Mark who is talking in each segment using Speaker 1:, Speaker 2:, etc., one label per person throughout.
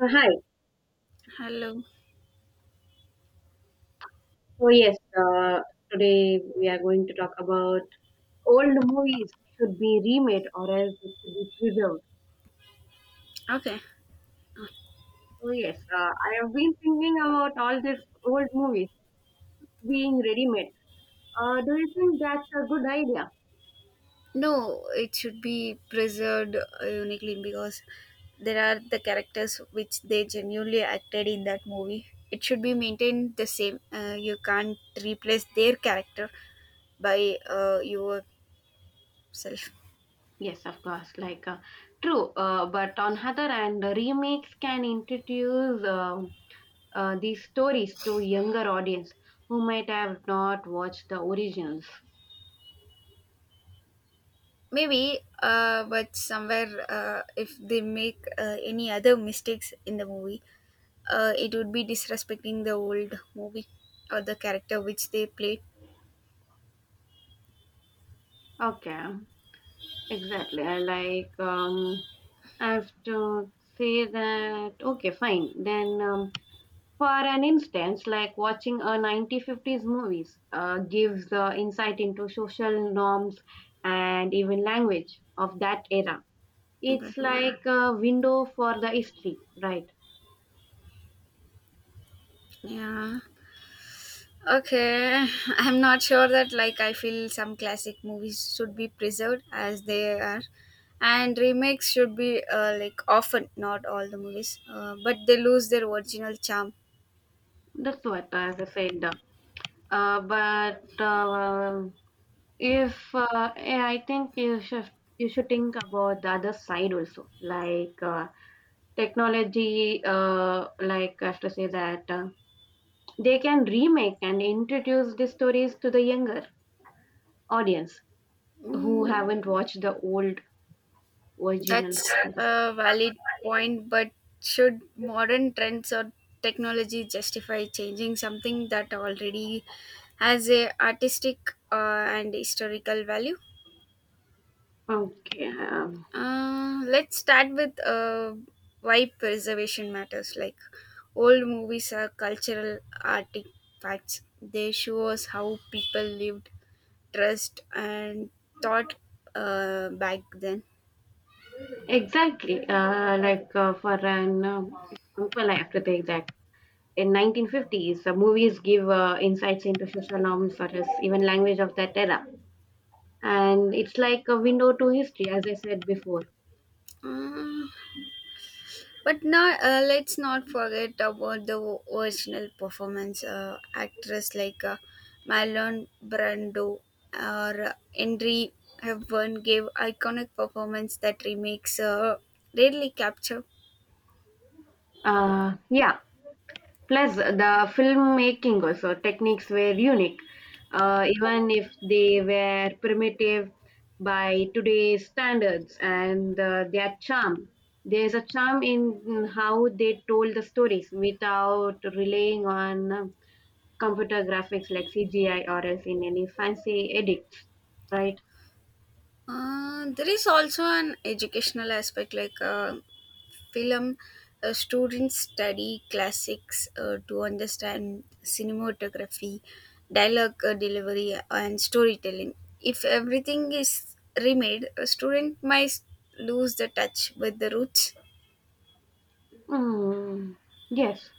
Speaker 1: Hi.
Speaker 2: Hello.
Speaker 1: So yes, today we are going to talk about old movies should be remade or else it should be preserved.
Speaker 2: Okay.
Speaker 1: So yes, I have been thinking about all these old movies being ready-made. Do you think that's a good idea?
Speaker 2: No, it should be preserved uniquely because there are the characters which they genuinely acted in that movie. It should be maintained the same. You can't replace their character by yourself.
Speaker 1: Yes, of course. Like true, but on other hand, the remakes can introduce these stories to younger audience who might have not watched the originals.
Speaker 2: Maybe, but somewhere, if they make any other mistakes in the movie, it would be disrespecting the old movie or the character which they played.
Speaker 1: Okay, exactly. I like. I have to say that, okay, fine. Then, for an instance, like watching a 1950s movies gives insight into social norms and even language of that era.
Speaker 2: Okay.
Speaker 1: It's like a window for the history, right?
Speaker 2: Yeah. Okay, I'm not sure that like I feel some classic movies should be preserved as they are, and remakes should be like often not all the movies, but they lose their original charm.
Speaker 1: That's what, as I said. But if eh, I think you should think about the other side also, like technology like I have to say that they can remake and introduce the stories to the younger audience who
Speaker 2: Mm,
Speaker 1: haven't watched the old original
Speaker 2: that's
Speaker 1: stories.
Speaker 2: a valid point, but should modern trends or technology justify changing something that already has a artistic and historical value?
Speaker 1: okay um,
Speaker 2: Let's start with why preservation matters. Like old movies are cultural artifacts. They show us how people lived, dressed, and thought back then.
Speaker 1: exactly, like for an example I have to take that in 1950s the movies give insights into social norms such as even language of that era, and it's like a window to history as I said before.
Speaker 2: Uh, but not let's not forget about the original performance actress like Marlon Brando or Henry Hepburn gave iconic performance that remakes rarely capture.
Speaker 1: Uh yeah Plus, the filmmaking also techniques were unique, even if they were primitive by today's standards, and their charm. There's a charm in how they told the stories without relying on computer graphics like CGI or else in any fancy edits, right?
Speaker 2: There is also an educational aspect like film students study classics to understand cinematography, dialogue delivery, and storytelling. If everything is remade, a student might lose the touch with the roots.
Speaker 1: Mm, yes.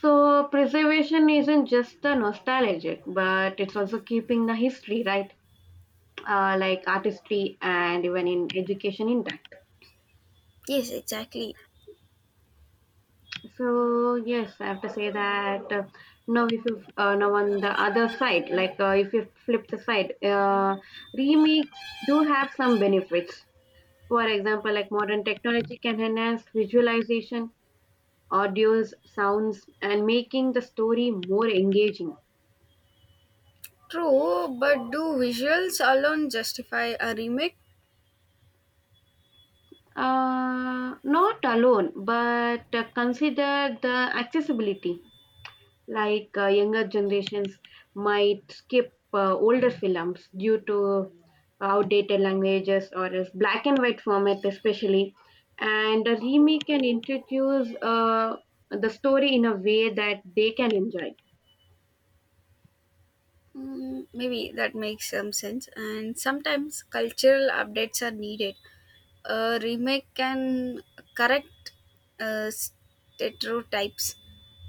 Speaker 1: So preservation isn't just the nostalgic, but it's also keeping the history, right? Like artistry and even in education intact.
Speaker 2: Yes, exactly.
Speaker 1: So yes, I have to say that now if you now on the other side, like if you flip the side, remakes do have some benefits. For example, like modern technology can enhance visualization, audios, sounds, and making the story more engaging.
Speaker 2: True, but do visuals alone justify a remake?
Speaker 1: Not alone, but consider the accessibility like younger generations might skip older films due to outdated languages or else black and white format especially, and a remake can introduce the story in a way that they can enjoy.
Speaker 2: Mm, maybe that makes some sense, and sometimes cultural updates are needed. A remake can correct stereotypes,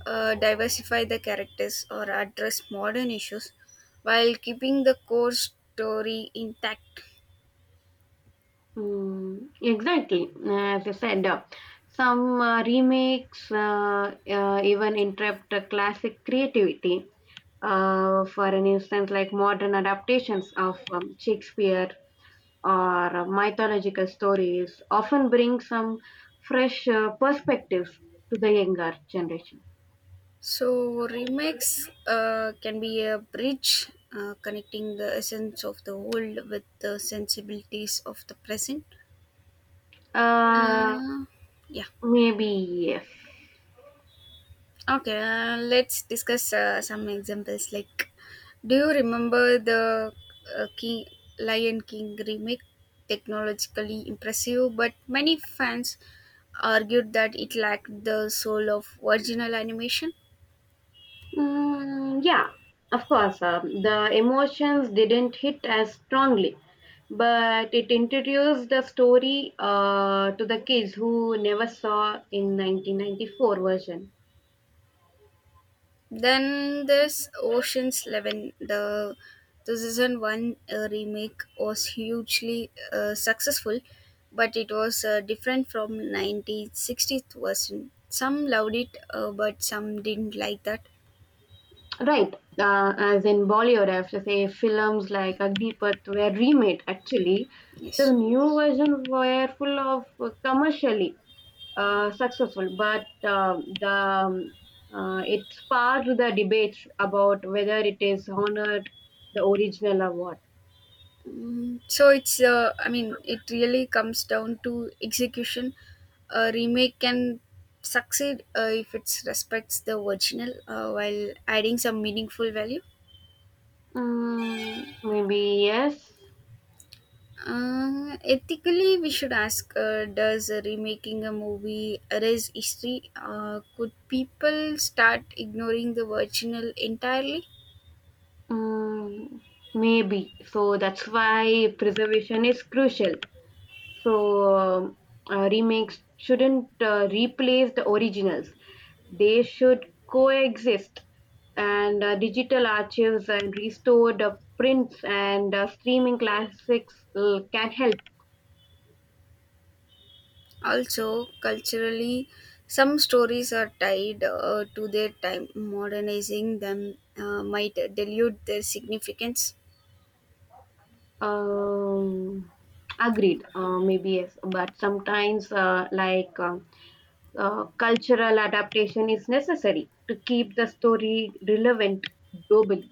Speaker 2: diversify the characters, or address modern issues while keeping the core story intact.
Speaker 1: Exactly. As you said, some remakes even interrupt classic creativity. For an instance, like modern adaptations of Shakespeare or mythological stories often bring some fresh perspectives to the younger generation.
Speaker 2: So, remakes can be a bridge connecting the essence of the old with the sensibilities of the present.
Speaker 1: Uh,
Speaker 2: Uh, yeah.
Speaker 1: maybe yes.
Speaker 2: Okay, let's discuss some examples. Like, do you remember the King Lion King remake? Technologically impressive, but many fans argued that it lacked the soul of original animation.
Speaker 1: Mm, yeah, of course. The emotions didn't hit as strongly, but it introduced the story to the kids who never saw in 1994 version.
Speaker 2: Then there's Ocean's Eleven. The season one remake was hugely successful, but it was different from 1960th version. Some loved it, but some didn't like that.
Speaker 1: Right. As in Bollywood, I have to say films like Agnipath were remade actually. The
Speaker 2: Yes.
Speaker 1: new version were full of commercially successful, but the it sparked the debate about whether it is honored the original or what.
Speaker 2: Mm, so it's I mean it really comes down to execution. A remake can succeed if it respects the original while adding some meaningful value.
Speaker 1: Mm, maybe yes.
Speaker 2: Ethically, we should ask, does remaking a movie erase history? Could people start ignoring the original entirely?
Speaker 1: Mm, maybe. So that's why preservation is crucial. So remakes shouldn't replace the originals. They should coexist. And digital archives and restored prints and streaming classics can help.
Speaker 2: Also, culturally, some stories are tied to their time. Modernizing them might dilute their significance.
Speaker 1: Um, Agreed. Maybe yes, but sometimes cultural adaptation is necessary to keep the story relevant globally.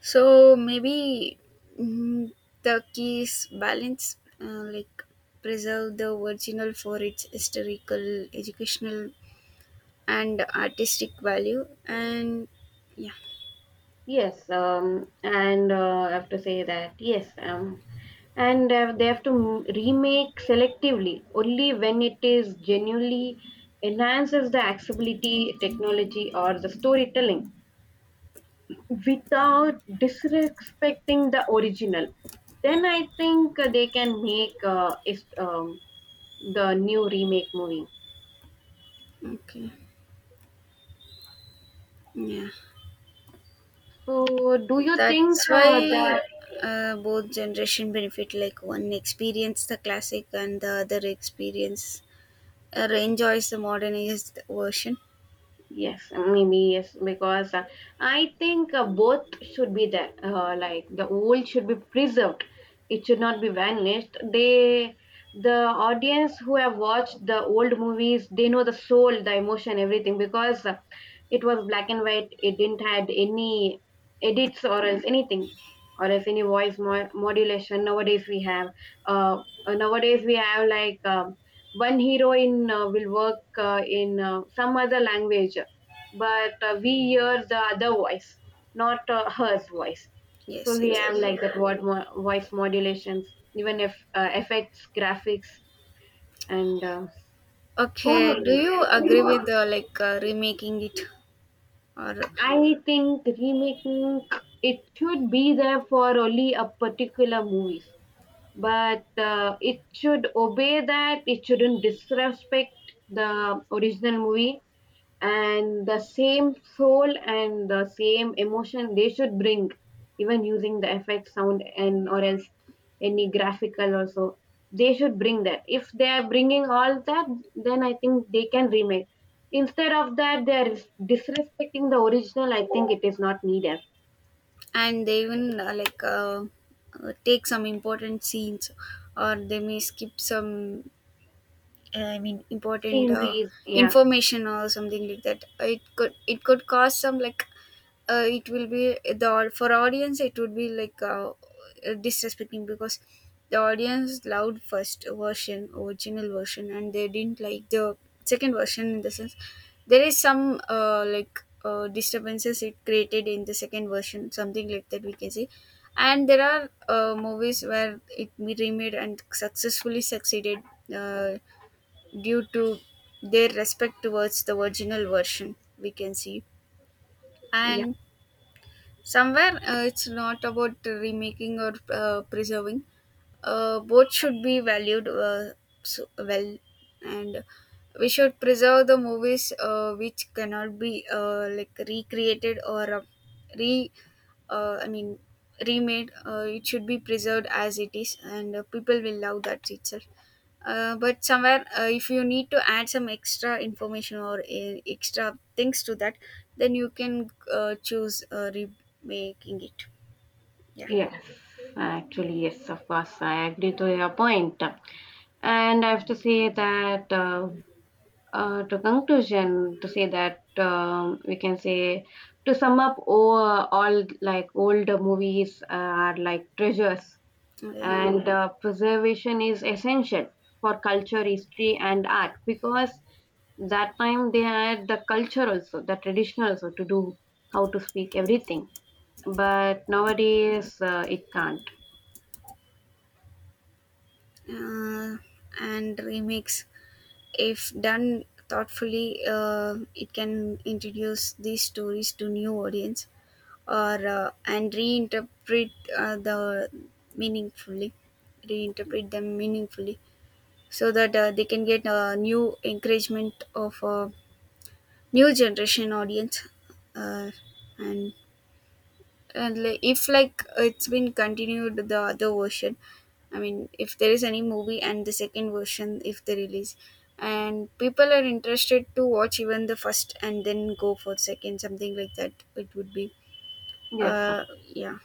Speaker 2: So, maybe, mm, the key is balance, like preserve the original for its historical, educational, and artistic value. And yeah.
Speaker 1: Yes, and I have to say that yes, and they have to remake selectively only when it is genuinely enhances the accessibility, technology, or the storytelling without disrespecting the original. Then I think they can make the new remake movie.
Speaker 2: Okay. Yeah.
Speaker 1: So, do you think
Speaker 2: That's why
Speaker 1: that?
Speaker 2: both generation benefit, like one experience the classic and the other experience enjoys the modernized version.
Speaker 1: Yes, maybe yes, because I think both should be there. Like the old should be preserved; it should not be vanished. They, the audience who have watched the old movies, they know the soul, the emotion, everything. Because it was black and white; it didn't had any edits or else anything, or else any voice modulation. Uh, nowadays we have like one heroine will work in some other language, but we hear the other voice, not hers voice. So
Speaker 2: Yes,
Speaker 1: we have
Speaker 2: exactly.
Speaker 1: like that what voice modulations, even if effects graphics and so
Speaker 2: Okay,
Speaker 1: many.
Speaker 2: do you agree with like remaking it, or?
Speaker 1: I think remaking it should be there for only a particular movies, but it should obey that it shouldn't disrespect the original movie, and the same soul and the same emotion they should bring, even using the effect sound and or else any graphical also they should bring. That if they are bringing all that, then I think they can remake. Instead of that, they are disrespecting the original. I think it is not needed.
Speaker 2: And they even like take some important scenes, or they may skip some, I mean, important
Speaker 1: Sceneries, yeah.
Speaker 2: information or something like that. It could cause some, like, it will be, the for audience it would be like disrespecting, because the audience loved first version, original version, and they didn't like the second version. In the sense, there is some like disturbances it created in the second version, something like that we can say. And there are movies where it be remade and successfully succeeded uh, due to their respect towards the original version, we can see.
Speaker 1: Yeah.
Speaker 2: And somewhere it's not about remaking or preserving, both should be valued, so well, and we should preserve the movies which cannot be like recreated or re. I mean, remade. It should be preserved as it is, and people will love that itself. But somewhere, if you need to add some extra information or extra things to that, then you can choose remaking it. Yeah.
Speaker 1: Yes, actually, yes, of course, I agree to your point. And I have to say that, to conclusion, to say that we can say, to sum up, all like old movies are like treasures,
Speaker 2: Okay.
Speaker 1: and preservation is essential for culture, history, and art, because that time they had the culture also, the tradition also to do how to speak everything. But nowadays it can't.
Speaker 2: uh, and remix, if done thoughtfully, it can introduce these stories to new audience, or and reinterpret the meaningfully reinterpret them meaningfully, so that they can get a new encouragement of a new generation audience, uh, and if like it's been continued, the other version. I mean, if there is any movie and the second version if they release, and people are interested to watch even the first and then go for second, something like that, it would be,
Speaker 1: Yes, sir.
Speaker 2: yeah.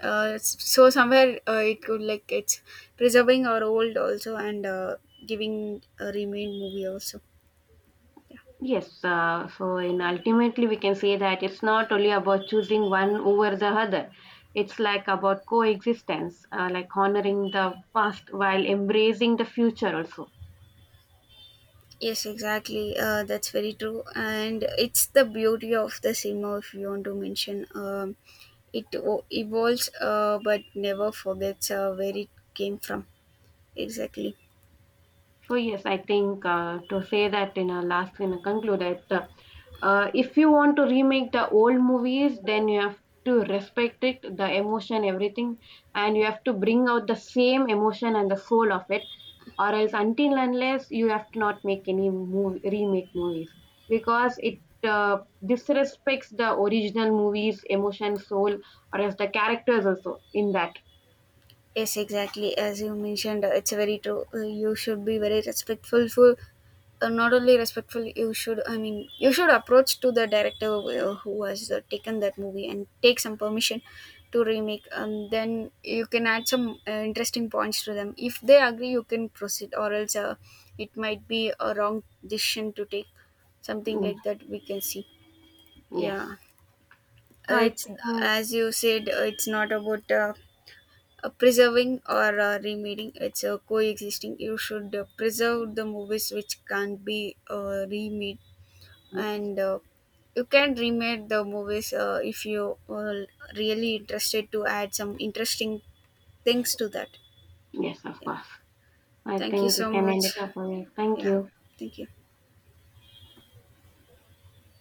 Speaker 2: So somewhere it could, like, it's preserving our old also, and giving a remain movie also. Yeah.
Speaker 1: Yes. So, in ultimately, we can say that it's not only about choosing one over the other. It's like about coexistence, like honoring the past while embracing the future also.
Speaker 2: Yes, exactly. That's very true, and it's the beauty of the cinema. If you want to mention, it evolves, but never forgets where it came from. Exactly.
Speaker 1: So yes, I think to say that in a last in a conclude it, if you want to remake the old movies, then you have to respect it, the emotion, everything, and you have to bring out the same emotion and the soul of it, or else until unless you have to not make any movie, remake movies, because it disrespects the original movies, emotion, soul, or else the characters also in that.
Speaker 2: Yes, exactly. As you mentioned, it's very true. You should be very respectful for, not only respectful, you should, I mean you should approach to the director who has taken that movie and take some permission to remake, and then you can add some interesting points to them. If they agree, you can proceed, or else it might be a wrong decision to take, something
Speaker 1: Mm,
Speaker 2: like that we can see.
Speaker 1: yes.
Speaker 2: Yeah.
Speaker 1: So
Speaker 2: Uh,
Speaker 1: I
Speaker 2: it's
Speaker 1: think
Speaker 2: as you said, it's not about preserving or remaining, it's coexisting. You should preserve the movies which can't be remade, and you can remake the movies if you are really interested to add some interesting things to that.
Speaker 1: yes, of
Speaker 2: Yeah.
Speaker 1: course. I
Speaker 2: Thank you
Speaker 1: think we
Speaker 2: so
Speaker 1: can
Speaker 2: much.
Speaker 1: end it up for me. Thank
Speaker 2: Yeah.
Speaker 1: you.
Speaker 2: Thank you.